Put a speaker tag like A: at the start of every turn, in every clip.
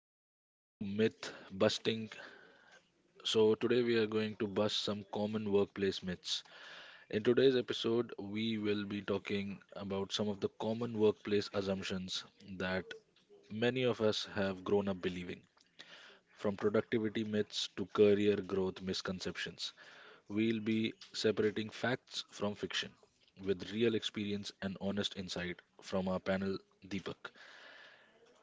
A: Welcome to Myth Busting. So, today we are going to bust some common workplace myths. In today's episode, we will be talking about some of the common workplace assumptions that many of us have grown up believing. From productivity myths to career growth misconceptions, we'll be separating facts from fiction with real experience and honest insight from our panel Deepak.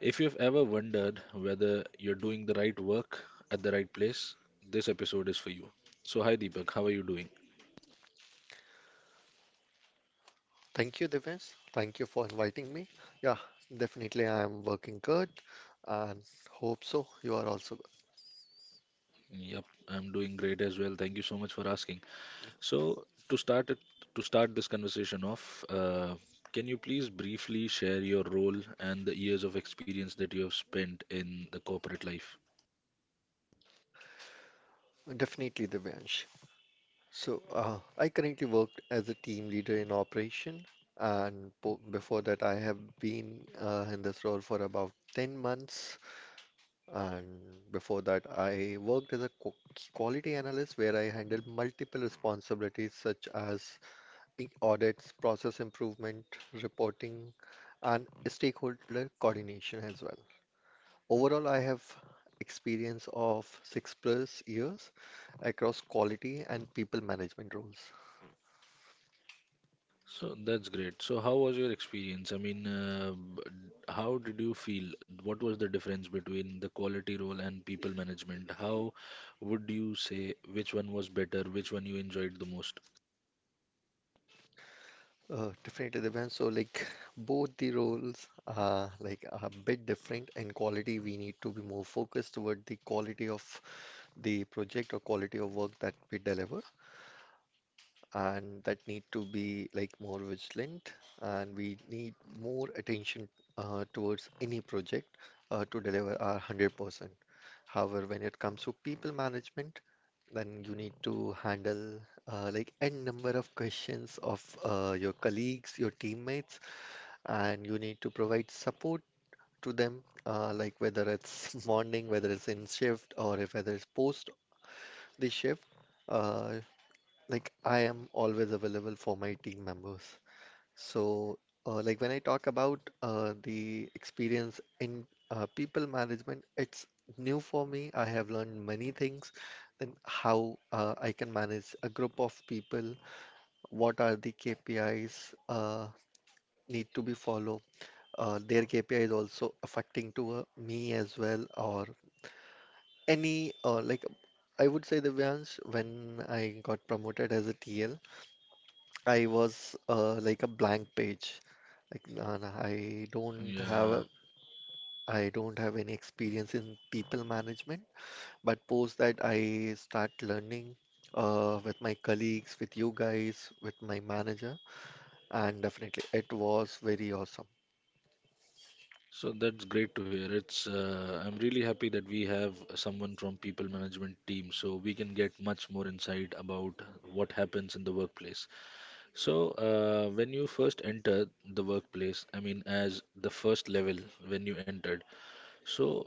A: If you've ever wondered whether you're doing the right work at the right place, this episode is for you. So, hi Deepak, how are you doing?
B: Thank you, Divesh. Thank you for inviting me. Yeah, definitely I am working good and hope so. You are also
A: Yep, I'm doing great as well. Thank you so much for asking. So, to start it, to start this conversation off, can you please briefly share your role and the years of experience that you have spent in the corporate life?
B: good. Definitely, Divesh. So, I currently work as a team leader in operation, and po before that, I have been in this role for about 10 months. And before that, I worked as a quality analyst where I handled multiple responsibilities such as the audits, process improvement, reporting, and stakeholder coordination as well. Overall, I have experience of six plus years across quality and people management roles.
A: So that's great. So how was your experience? How did you feel? What was the difference between the quality role and people management? How would you say which one was better? Which one you enjoyed the most?
B: Definitely, Devyan. So, both the roles are like a bit different. In quality, we need to be more focused toward the quality of the project or quality of work that we deliver, and that need to be like more vigilant and we need more attention towards any project to deliver our 100%. However, when it comes to people management, then you need to handle like n number of questions of your colleagues, your teammates, and you need to provide support to them, like whether it's morning, whether it's in shift, or if whether it's post the shift. Uh, like I am always available for my team members. So, when I talk about the experience in people management, it's new for me. I have learned many things, then how I can manage a group of people, what are the KPIs need to be followed. Their KPI is also affecting to me as well, or any I would say the Devyansh, when I got promoted as a TL, I was like a blank page. Like,
A: Yeah.
B: I don't have any experience in people management, but post that I start learning with my colleagues, with you guys, with my manager, and definitely it was very awesome.
A: So that's great to hear. It's I'm really happy that we have someone from people management team, so we can get much more insight about what happens in the workplace. So when you first enter the workplace, I mean, as the first level when you entered, so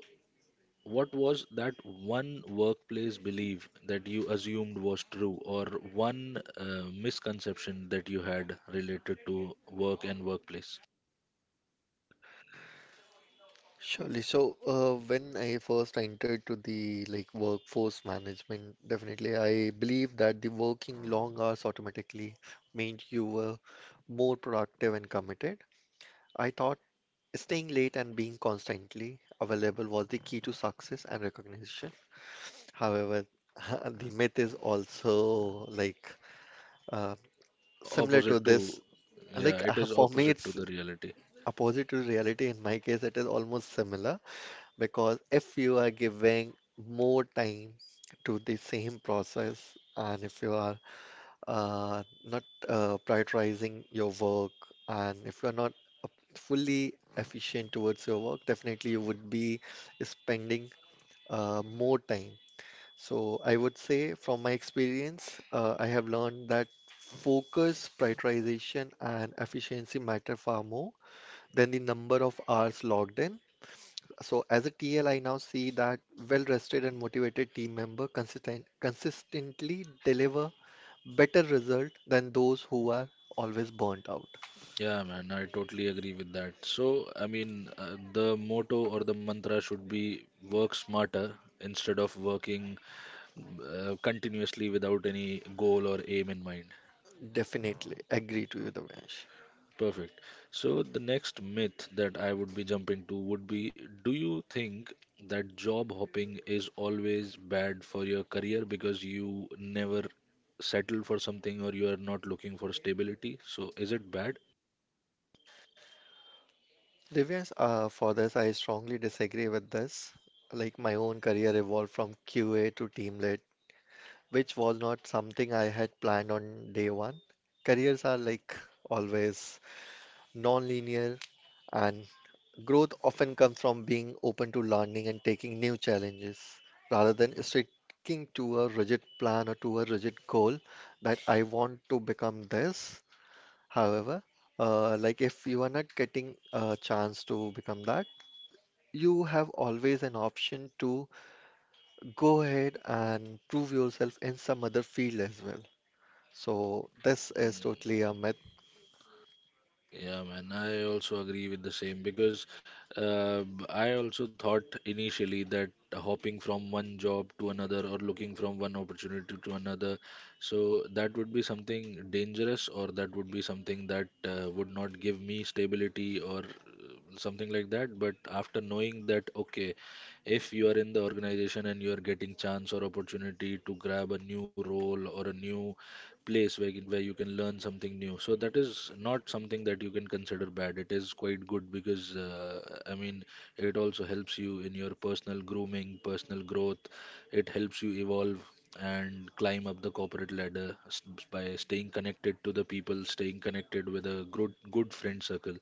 A: what was that one workplace belief that you assumed was true, or one misconception that you had related to work and workplace?
B: Surely. So, when I first entered to the like workforce management, definitely I believe that the working long hours automatically meant you were more productive and committed. I thought staying late and being constantly available was the key to success and recognition. However, the myth is also like uh,
A: O-
B: similar to
A: Opposite to,
B: this.
A: yeah,
B: Like
A: it is
B: for me,
A: opposite to
B: it's
A: the reality.
B: opposite to reality. In my case, it is almost similar because if you are giving more time to the same process and if you are not prioritizing your work and if you are not uh, fully efficient towards your work, definitely you would be spending more time. So I would say from my experience, I have learned that focus, prioritization, and efficiency matter far more than the number of hours logged in. So as a TL, I now see that well-rested and motivated team member consistently deliver better result than those who are always burnt out.
A: Yeah, man, I totally agree with that. So, I mean, the motto or the mantra should be work smarter instead of working continuously without any goal or aim in mind.
B: Definitely agree to you, Divyansh.
A: Perfect. So the next myth that I would be jumping to would be, do you think that job hopping is always bad for your career because you never settle for something or you are not looking for stability? So is it bad?
B: Divyansh, for this, I strongly disagree with this. Like my own career evolved from QA to team lead, which was not something I had planned on day one. Careers are like always non-linear, and growth often comes from being open to learning and taking new challenges rather than sticking to a rigid plan or to a rigid goal that I want to become this. However, if you are not getting a chance to become that, you have always an option to go ahead and prove yourself in some other field as well. So this is totally a myth.
A: Yeah, man, I also agree with the same because I also thought initially that hopping from one job to another or looking from one opportunity to another, so that would be something dangerous or that would be something that would not give me stability or something like that. But after knowing that, okay, if you are in the organization and you are getting chance or opportunity to grab a new role or a new place where you can learn something new. So that is not something that you can consider bad. It is quite good because I mean it also helps you in your personal grooming, personal growth. It helps you evolve and climb up the corporate by staying connected to the people, staying connected with a good friend circle.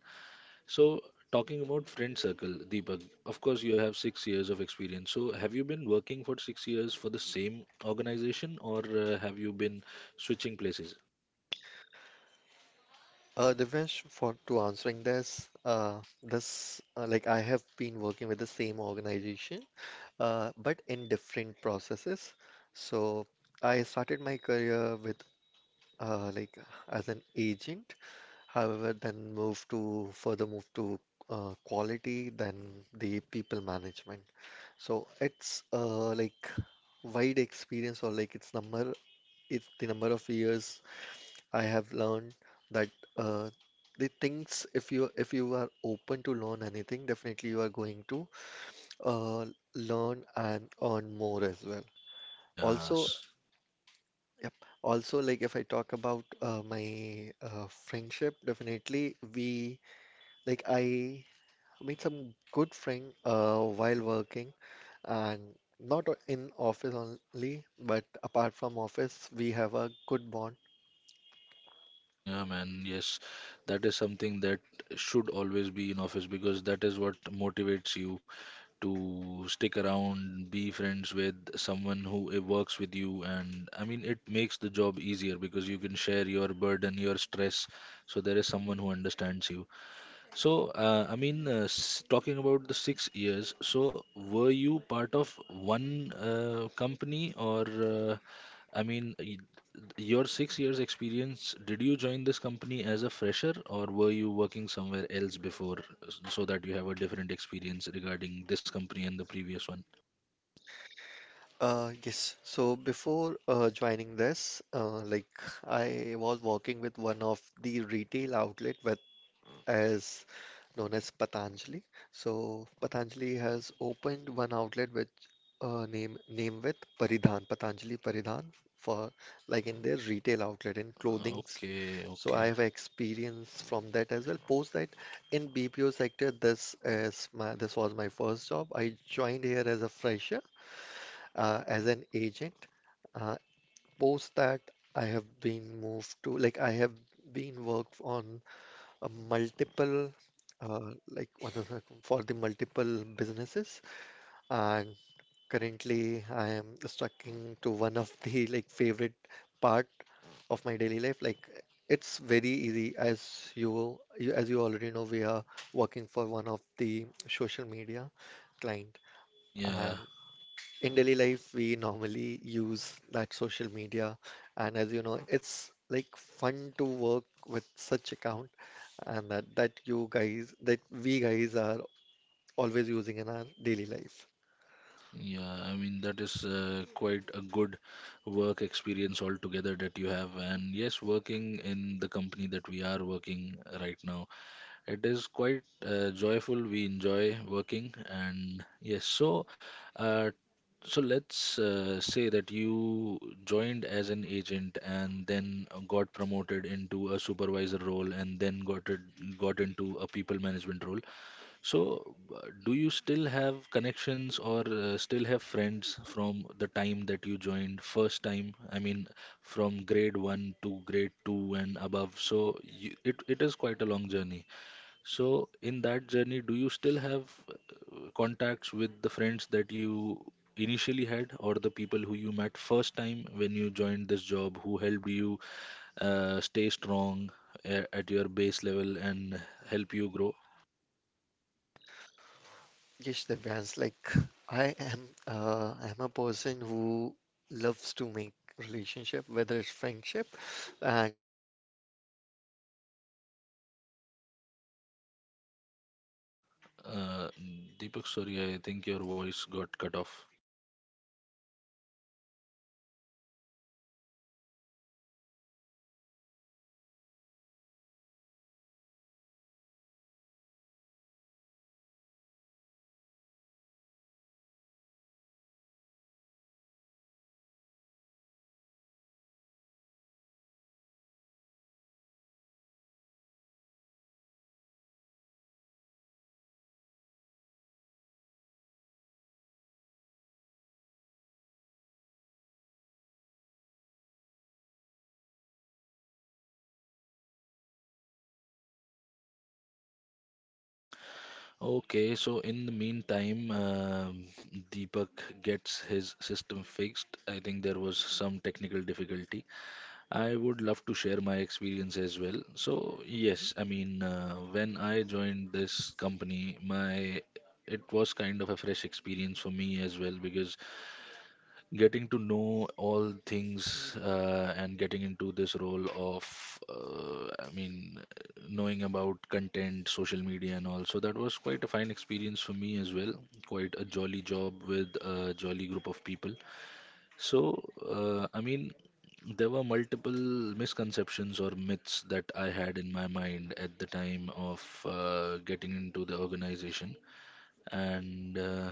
A: So, talking about friend circle, Deepak, of course, you have 6 years of experience. So, have you been working for 6 years for the same organization or have you been switching places?
B: Divyansh, for to answering this, I have been working with the same organization, but in different processes. So I started my career with uh, like as an agent. However, then moved to further moved to quality, then the people management. So it's like wide experience or like it's the number of years I have learned that uh, the things if you are open to learn anything, definitely you are going to uh, learn and earn more as well. Also,
A: Yes,
B: yep. Also, like if I talk about my friendship, definitely we like I made some good friend while working and not in office only, but apart from office, we have a good bond.
A: yeah, man. Yes, that is something that should always be in office because that is what motivates you to stick around, be friends with someone who works with you, and I mean, it makes the job easier because you can share your burden, your stress, so there is someone who understands you. So, I mean, talking about the 6 years, so were you part of one company, or uh, I mean, y- your 6 years experience, did you join this company as a fresher or were you working somewhere else before so that you have a different experience regarding this company and the previous one?
B: Yes. So before joining this, I was working with one of the retail outlet with, as known as, Patanjali. So Patanjali has opened one outlet with name with Paridhan, Patanjali Paridhan for like in their retail outlet in clothings.
A: Okay,
B: So I
A: okay.
B: have experience from that as well. Post that in BPO sector, this was my first job. I joined here as a fresher as an agent. Uh, post that, I have been moved to like I have been worked on a multiple for the multiple businesses, and currently I am stuck to one of the like favorite part of my daily life. Like it's very easy as you already know, we are working for one of the social media client,
A: Yeah.
B: and in daily life we normally use that social media and as you know it's like fun to work with such account and that you guys that we guys are always using in our daily life
A: Yeah, I mean that is quite a good work experience altogether that you have. And yes, working in the company that we are working right now, it is quite joyful. We enjoy working, and yes, so uh, so let's say that you joined as an agent and then got promoted into a supervisor role and then got into a people management role, so, do you still have connections or still have friends from the time that you joined first time? I mean, from grade 1 to grade 2 and above. It is quite a long journey. So, in that journey, do you still have contacts with the friends that you initially had or the people who you met first time when you joined this job who helped you stay strong at your base level and help you grow? Uh, Deepak, sorry, I think your voice got cut off. Okay, so in the meantime, Deepak gets his system fixed. I think there was some technical difficulty. I would love to share my experience as well. So, yes, I mean, when I joined this company, my it was kind of a fresh experience for me as well because getting to know all things and getting into this role of I mean knowing about content social media and all, so that was quite a fine experience for me as well, quite a jolly job with a jolly group of people. So I mean there were multiple misconceptions or myths that I had in my mind at the time of getting into the organization and uh,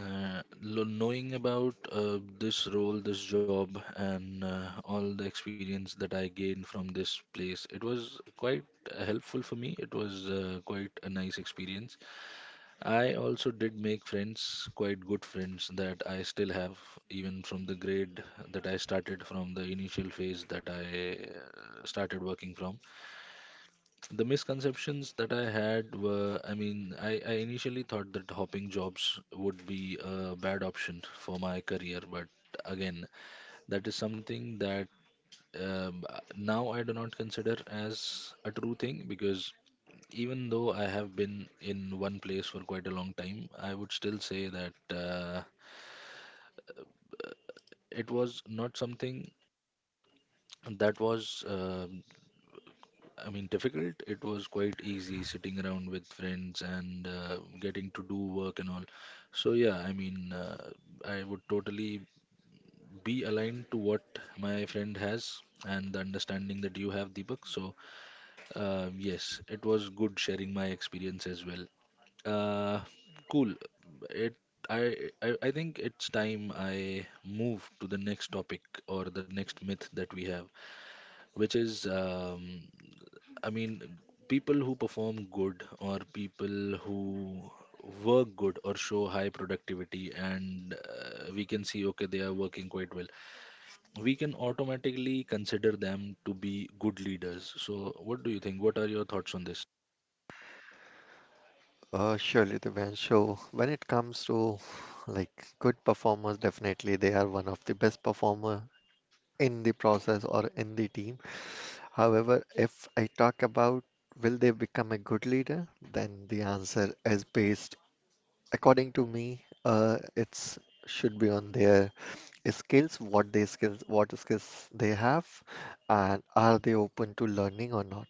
A: uh, lo- knowing about this role, this job, and all the experience that I gained from this place, it was quite helpful for me. It was quite a nice experience. I also did make friends, quite good friends that I still have, even from the grade that I started, from the initial phase that I started working from. The misconceptions that I had were, I initially thought that hopping jobs would be a bad option for my career, but again, that is something that now I do not consider as a true thing because even though I have been in one place for quite a long time, I would still say that it was not something that was. I mean, difficult. It was quite easy sitting around with friends and getting to do work and all. So, yeah, I mean, I would totally be aligned to what my friend has and the understanding that you have, Deepak. So, yes, it was good sharing my experience as well. Uh, cool. It, I, I think it's time I move to the next topic or the next myth that we have, which is I mean, people who perform good or people who work good or show high productivity, and we can see, okay, they are working quite well. We can automatically consider them to be good leaders. So, what do you think? What are your thoughts on this?
C: Surely they win. So when it comes to like good performers, definitely they are one of the best performer in the process or in the team. However, if I talk about will they become a good leader, then the answer is based, according to me, it's should be on their skills, what they skills, what skills they have, and are they open to learning or not.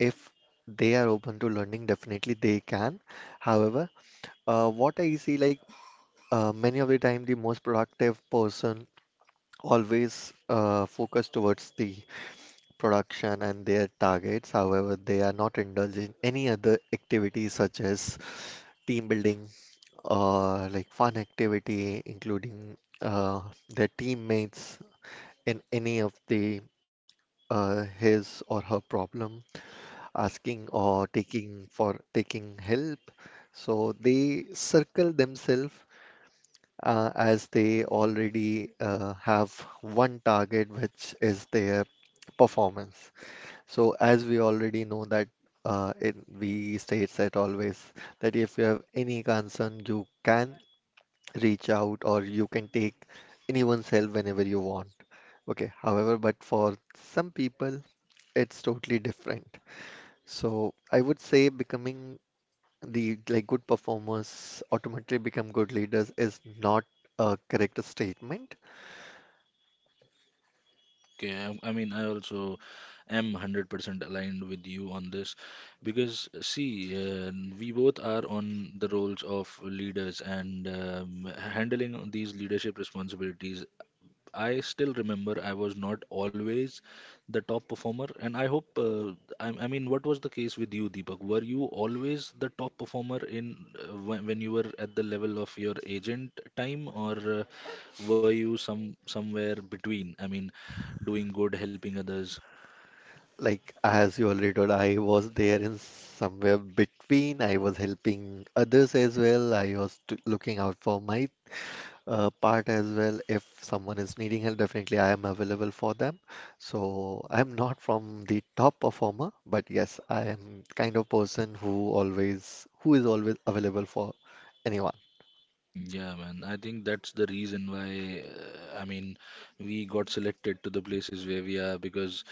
C: If they are open to learning, definitely they can. However, what I see, like many of the time, the most productive person always focus towards the production and their targets. However, they are not indulged in any other activities such as team building or like fun activity, including uh, their teammates in any of the his or her problem, asking or taking for taking help. So they circle themselves as they already have one target, which is their performance. So as we already know that it, we states that always that if you have any concern, you can reach out or you can take anyone's help whenever you want. Okay, however, but for some people, it's totally different. So I would say becoming the like good performers automatically become good leaders is not a correct statement.
A: Okay, I also am 100% aligned with you on this because, see, uh, we both are on the roles of leaders and handling these leadership responsibilities. I still remember I was not always the top performer, and I hope, I mean, what was the case with you, Deepak? Were you always the top performer in when you were at the level of your agent time, or were you somewhere between? I mean, doing good, helping others,
C: Like, as you already told, I was there in somewhere between. I was helping others as well. I was t looking out for my part as well. If someone is needing help, definitely I am available for them. So I'm not from the top performer, but yes, I am kind of person who always who is always available for anyone.
A: mm, yeah, man. I think that's the reason why, I mean, we got selected to the places where we are because,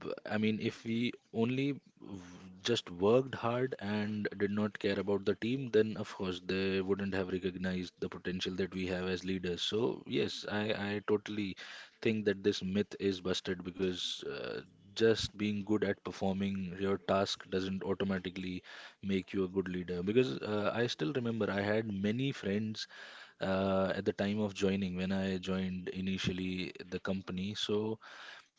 A: I mean, if we only w- just worked hard and did not care about the team, then of course they wouldn't have recognized the potential that we have as leaders. So, yes, I totally think that this myth is busted because just being good at performing your task doesn't automatically make you a good leader because I still remember I had many friends at the time of joining when I joined initially the company. So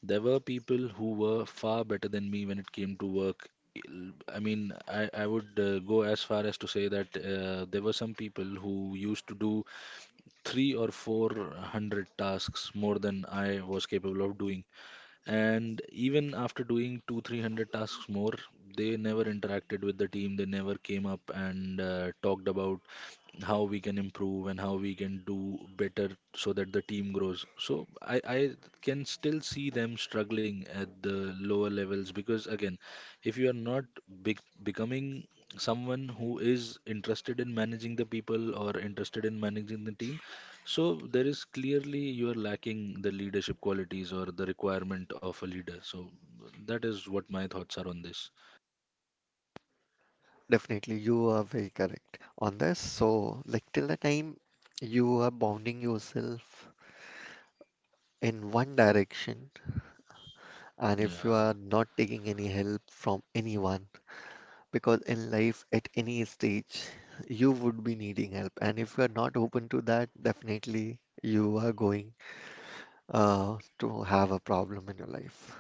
A: there were people who were far better than me when it came to work. I would go as far as to say that there were some people who used to do three or four hundred tasks more than I was capable of doing, and even after doing two three hundred tasks more, they never interacted with the team. They never came up and talked about how we can improve and how we can do better so that the team grows. So I can still see them struggling at the lower levels because again, if you are not becoming someone who is interested in managing the people or interested in managing the team, so there is clearly you are lacking the leadership qualities or the requirement of a leader. So that is what my thoughts are on this.
C: Definitely, you are very correct on this. So, like till the time you are bounding yourself in one direction and if you are
A: Yeah,
C: not taking any help from anyone, because in life at any stage you would be needing help, and if you are not open to that, definitely you are going to have a problem in your life.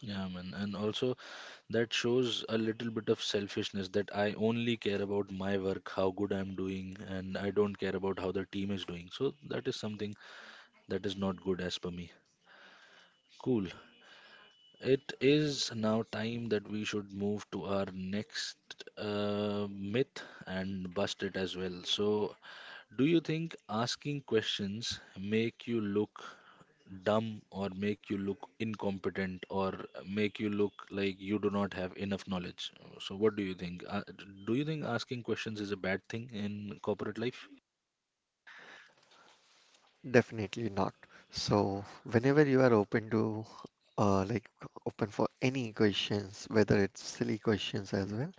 A: yeah, man. And also that shows a little bit of selfishness that I only care about my work, how good I'm doing, and I don't care about how the team is doing. So that is something that is not good as per me. Cool. It is now time that we should move to our next myth and bust it as well. So, do you think asking questions make you look dumb or make you look incompetent or make you look like you do not have enough knowledge? So what do you think? Do you think asking questions is a bad thing in corporate life?
C: Definitely not. So whenever you are open to like open for any questions, whether it's silly questions as well,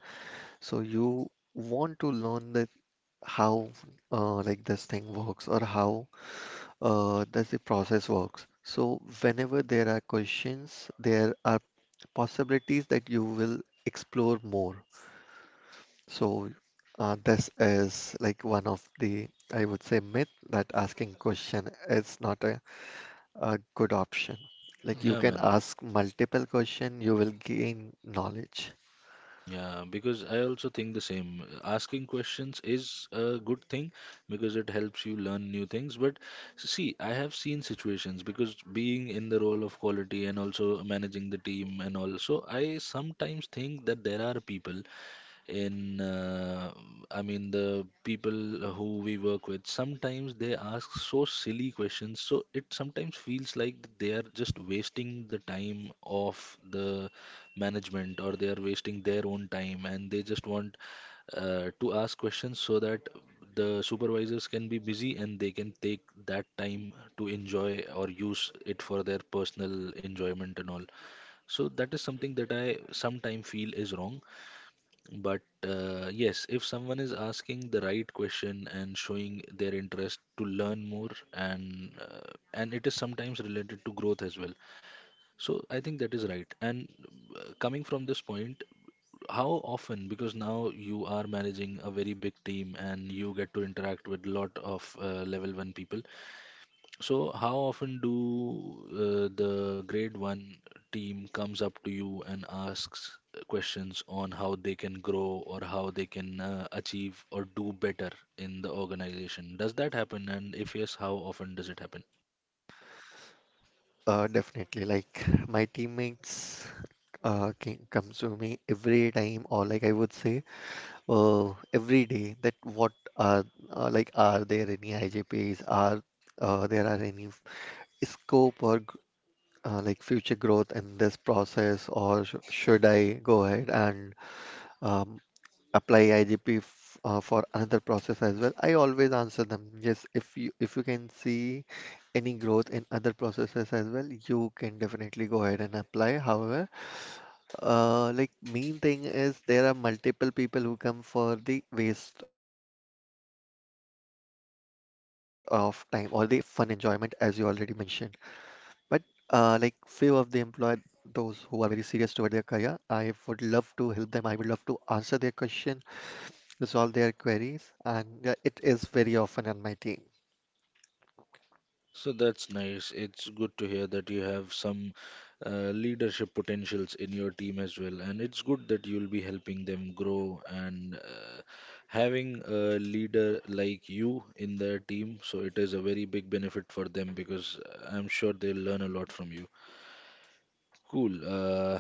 C: so you want to learn that how like this thing works or how that's the process works. So whenever there are questions, there are possibilities that you will explore more. So this is like one of the, I would say, myth that asking question is not a good option. Like you
A: Yeah,
C: can
A: man.
C: ask multiple question, you will gain knowledge.
A: Yeah, because I also think the same. Asking questions is a good thing because it helps you learn new things. But see, I have seen situations because being in the role of quality and also managing the team and all, so I sometimes think that there are people in I mean the people who we work with sometimes they ask so silly questions so it sometimes feels like they are just wasting the time of the management or they are wasting their own time and they just want to ask questions so that the supervisors can be busy and they can take that time to enjoy or use it for their personal enjoyment and all, so that is something that I sometime feel is wrong, but yes, if someone is asking the right question and showing their interest to learn more, and and it is sometimes related to growth as well. So I think that is right. And coming from this point, how often? Because now you are managing a very big team and you get to interact with lot of level one people. So, how often do the grade one team comes up to you and asks questions on how they can grow or how they can achieve or do better in the organization? Does that happen? And if yes, how often does it happen?
C: Definitely. Like my teammates comes to me every time, or like I would say. Every day that what are like are there any IJPs are there are any f- scope or g- like future growth in this process or sh should I go ahead and um, apply IJP for another process as well. I always answer them yes, if you can see any growth in other processes as well, you can definitely go ahead and apply. However, like main thing is there are multiple people who come for the waste of time or the fun enjoyment as you already mentioned. But like few of the employer, those who are very serious toward their career, I would love to help them. I would love to answer their question, resolve their queries, and yeah, it is very often on my team.
A: So that's nice. It's good to hear that you have some leadership potentials in your team as well. And it's good that you'll be helping them grow and having a leader like you in their team. So it is a very big benefit for them because I'm sure they'll learn a lot from you. Cool. Uh,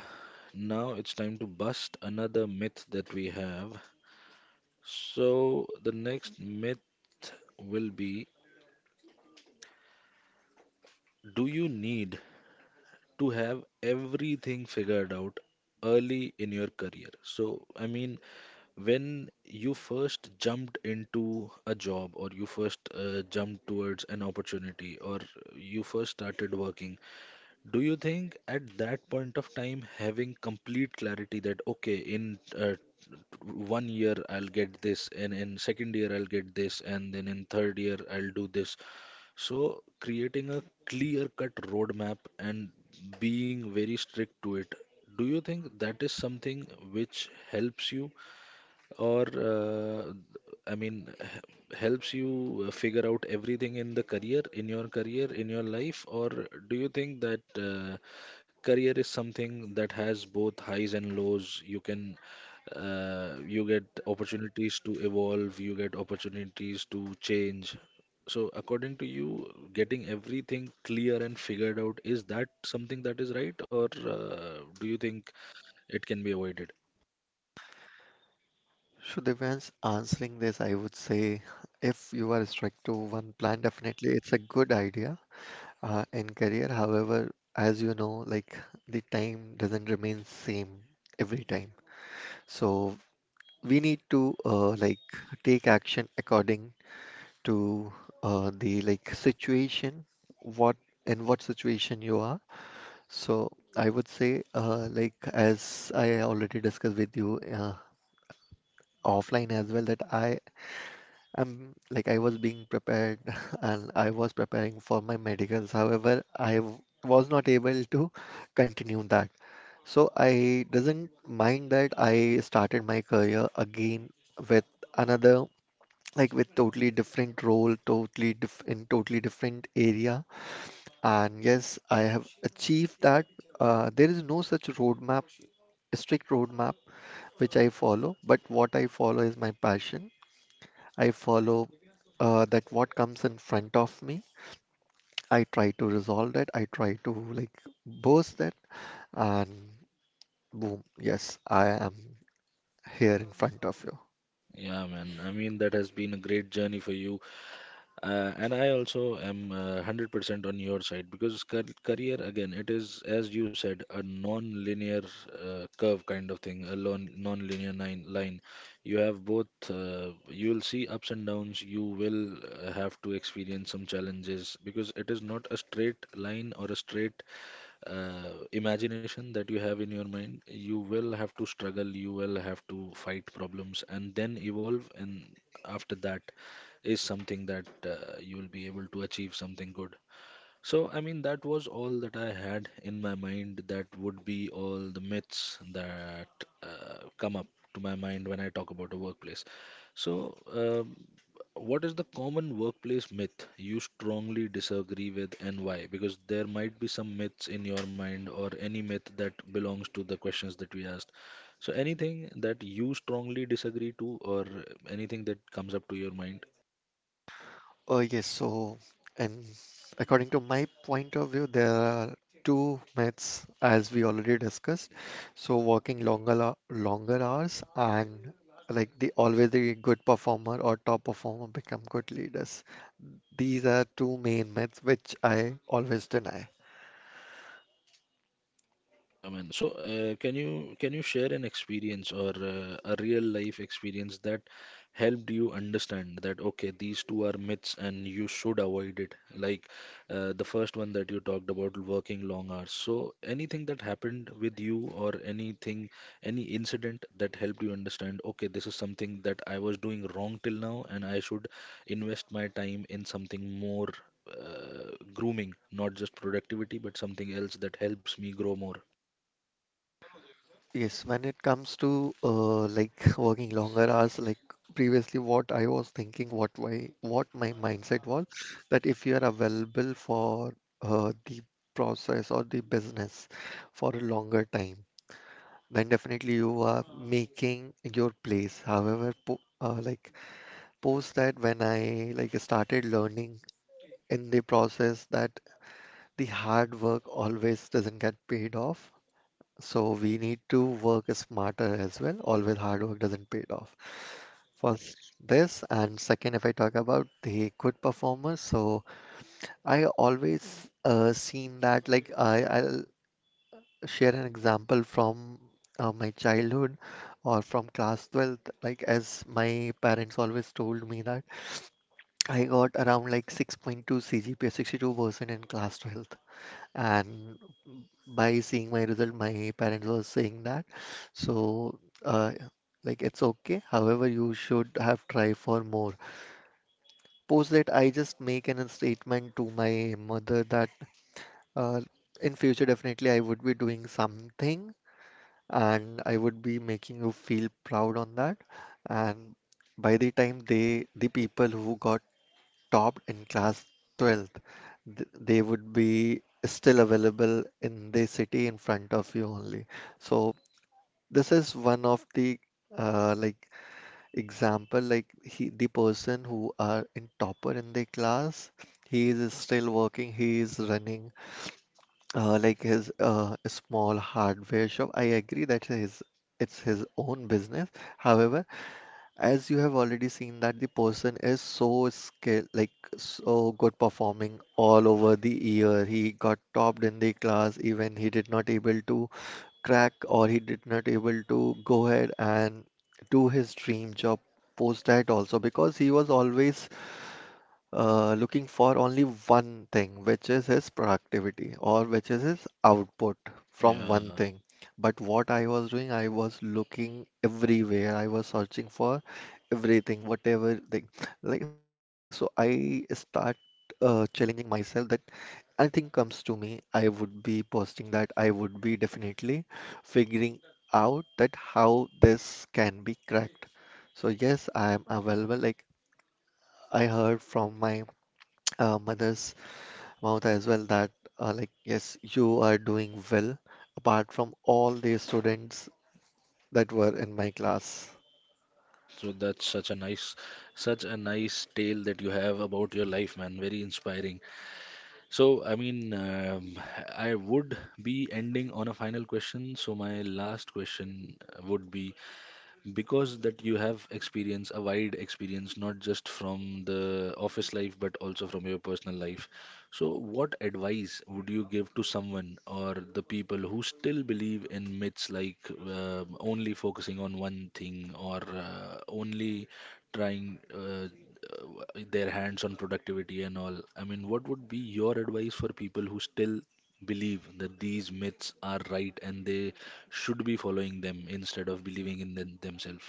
A: now it's time to bust another myth that we have. So the next myth will be, do you need to have everything figured out early in your career? So, I mean, when you first jumped into a job or you first jumped towards an opportunity or you first started working, do you think at that point of time having complete clarity that, okay, in one year I'll get this and in second year I'll get this and then in third year I'll do this, so, creating a clear cut roadmap and being very strict to it, do you think that is something which helps you? Or I mean helps you figure out everything in the career in your life? Or do you think that career is something that has both highs and lows? You can, you get opportunities to evolve, you get opportunities to change, so according to you, getting everything clear and figured out, is that something that is right? Or do you think it can be avoided?
C: So Divyansh, answering this, I would say if you are strict to one plan, definitely it's a good idea. In career, however, as you know, like the time doesn't remain same every time. So we need to like take action according to the like situation, what in what situation you are. So I would say like as I already discussed with you offline as well that I I was being prepared and I was preparing for my medicals. However, I w- was not able to continue that. So I doesn't mind that I started my career again with another like with totally different role, totally diff in totally different area. And yes, I have achieved that. There is no such roadmap, strict roadmap which I follow, but what I follow is my passion I follow that what comes in front of me. I try to resolve that. I try to like boast that, and boom, yes, I am here in front of you.
A: Yeah, man. I mean, that has been a great journey for you. And I also am 100% on your side because career, again, it is, as you said, a non linear curve kind of thing, a non linear line. You have both. You will see ups and downs, you will have to experience some challenges because it is not a straight line or a straight imagination that you have in your mind. You will have to struggle, you will have to fight problems and then evolve, and after that is something that you will be able to achieve something good. So, I mean, that was all that I had in my mind. That would be all the myths that come up to my mind when I talk about a workplace. So, What is the common workplace myth you strongly disagree with and why? Because there might be some myths in your mind or any myth that belongs to the questions that we asked. So, anything that you strongly disagree to, or anything that comes up to your mind?
C: Oh yes, so and according to my point of view, there are two myths as we already discussed. So working longer lo- longer hours and like the always the good performer or top performer become good leaders. These are two main myths which I always deny.
A: Yeah, man. So, can you share an experience or a real life experience that helped you understand that, okay, these two are myths and you should avoid it? Like the first one that you talked about, working long hours. So, anything that happened with you, or anything, any incident that helped you understand, okay, this is something that I was doing wrong till now, and I should invest my time in something more grooming, not just productivity, but something else that helps me grow more.
C: Yes, when it comes to like working longer hours, like previously, what I was thinking, what my mindset was, that if you are available for the process or the business for a longer time, then definitely you are making your place. However, po like post that when I like started learning in the process that the hard work always doesn't get paid off. So we need to work smarter as well. Always hard work doesn't pay it off. First, this, and second, if I talk about the good performers, so I always seen that like I'll share an example from my childhood or from class 12th. Like as my parents always told me that I got around like 6.2 CGPA, 6.2 CGPA, 62% in class 12th, and by seeing my result, my parents were saying that. So, uh, like it's okay. However, you should have tried for more. Post that, I just make an statement to my mother that uh, in future definitely I would be doing something and I would be making you feel proud on that. And by the time they, the people who got topped in class 12th, th they would be still available in the city in front of you only. So this is one of the like example like he the person who are in topper in the class, he is still working, he is running like his small hardware shop. I agree that his it's his own business. However, as you have already seen that the person is so skill like so good performing all over the year, he got topped in the class, even he did not able to crack or he did not able to go ahead and do his dream job post that also because he was always looking for only one thing which is his productivity or which is his output from
A: Yeah,
C: one thing, but what I was doing I was looking everywhere, I was searching for everything whatever thing, like so I start challenging myself that anything comes to me, I would be posting that. I would be definitely figuring out that how this can be cracked. So yes, I am available. Like I heard from my mother's mouth as well that like yes, you are doing well apart from all the students that were in my class.
A: so that's such a nice tale that you have about your life, man. Very inspiring. So, I mean, I would be ending on a final question. So, my last question would be, because that you have experience, a wide experience, not just from the office life but also from your personal life, so what advice would you give to someone or the people who still believe in myths like only focusing on one thing, or only trying their hands on productivity and all? I mean, what would be your advice for people who still believe that these myths are right and they should be following them instead of believing in them themselves?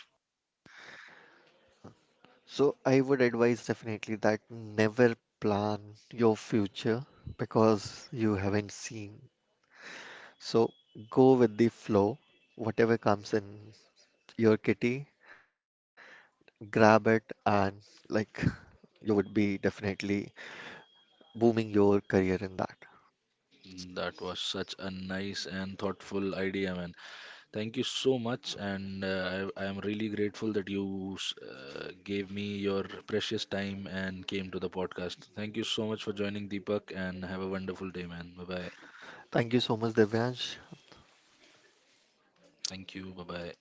C: So I would advise definitely that never plan your future because you haven't seen. So go with the flow. Whatever comes in your kitty, grab it, and like you would be definitely booming your career in that.
A: Mm, that was such a nice and thoughtful idea, man. Thank you so much, and I am really grateful that you gave me your precious time and came to the podcast. Thank you so much for joining, Deepak, and have a wonderful day, man. Bye bye.
C: Thank you so much, Devyansh.
A: Thank you. Bye bye.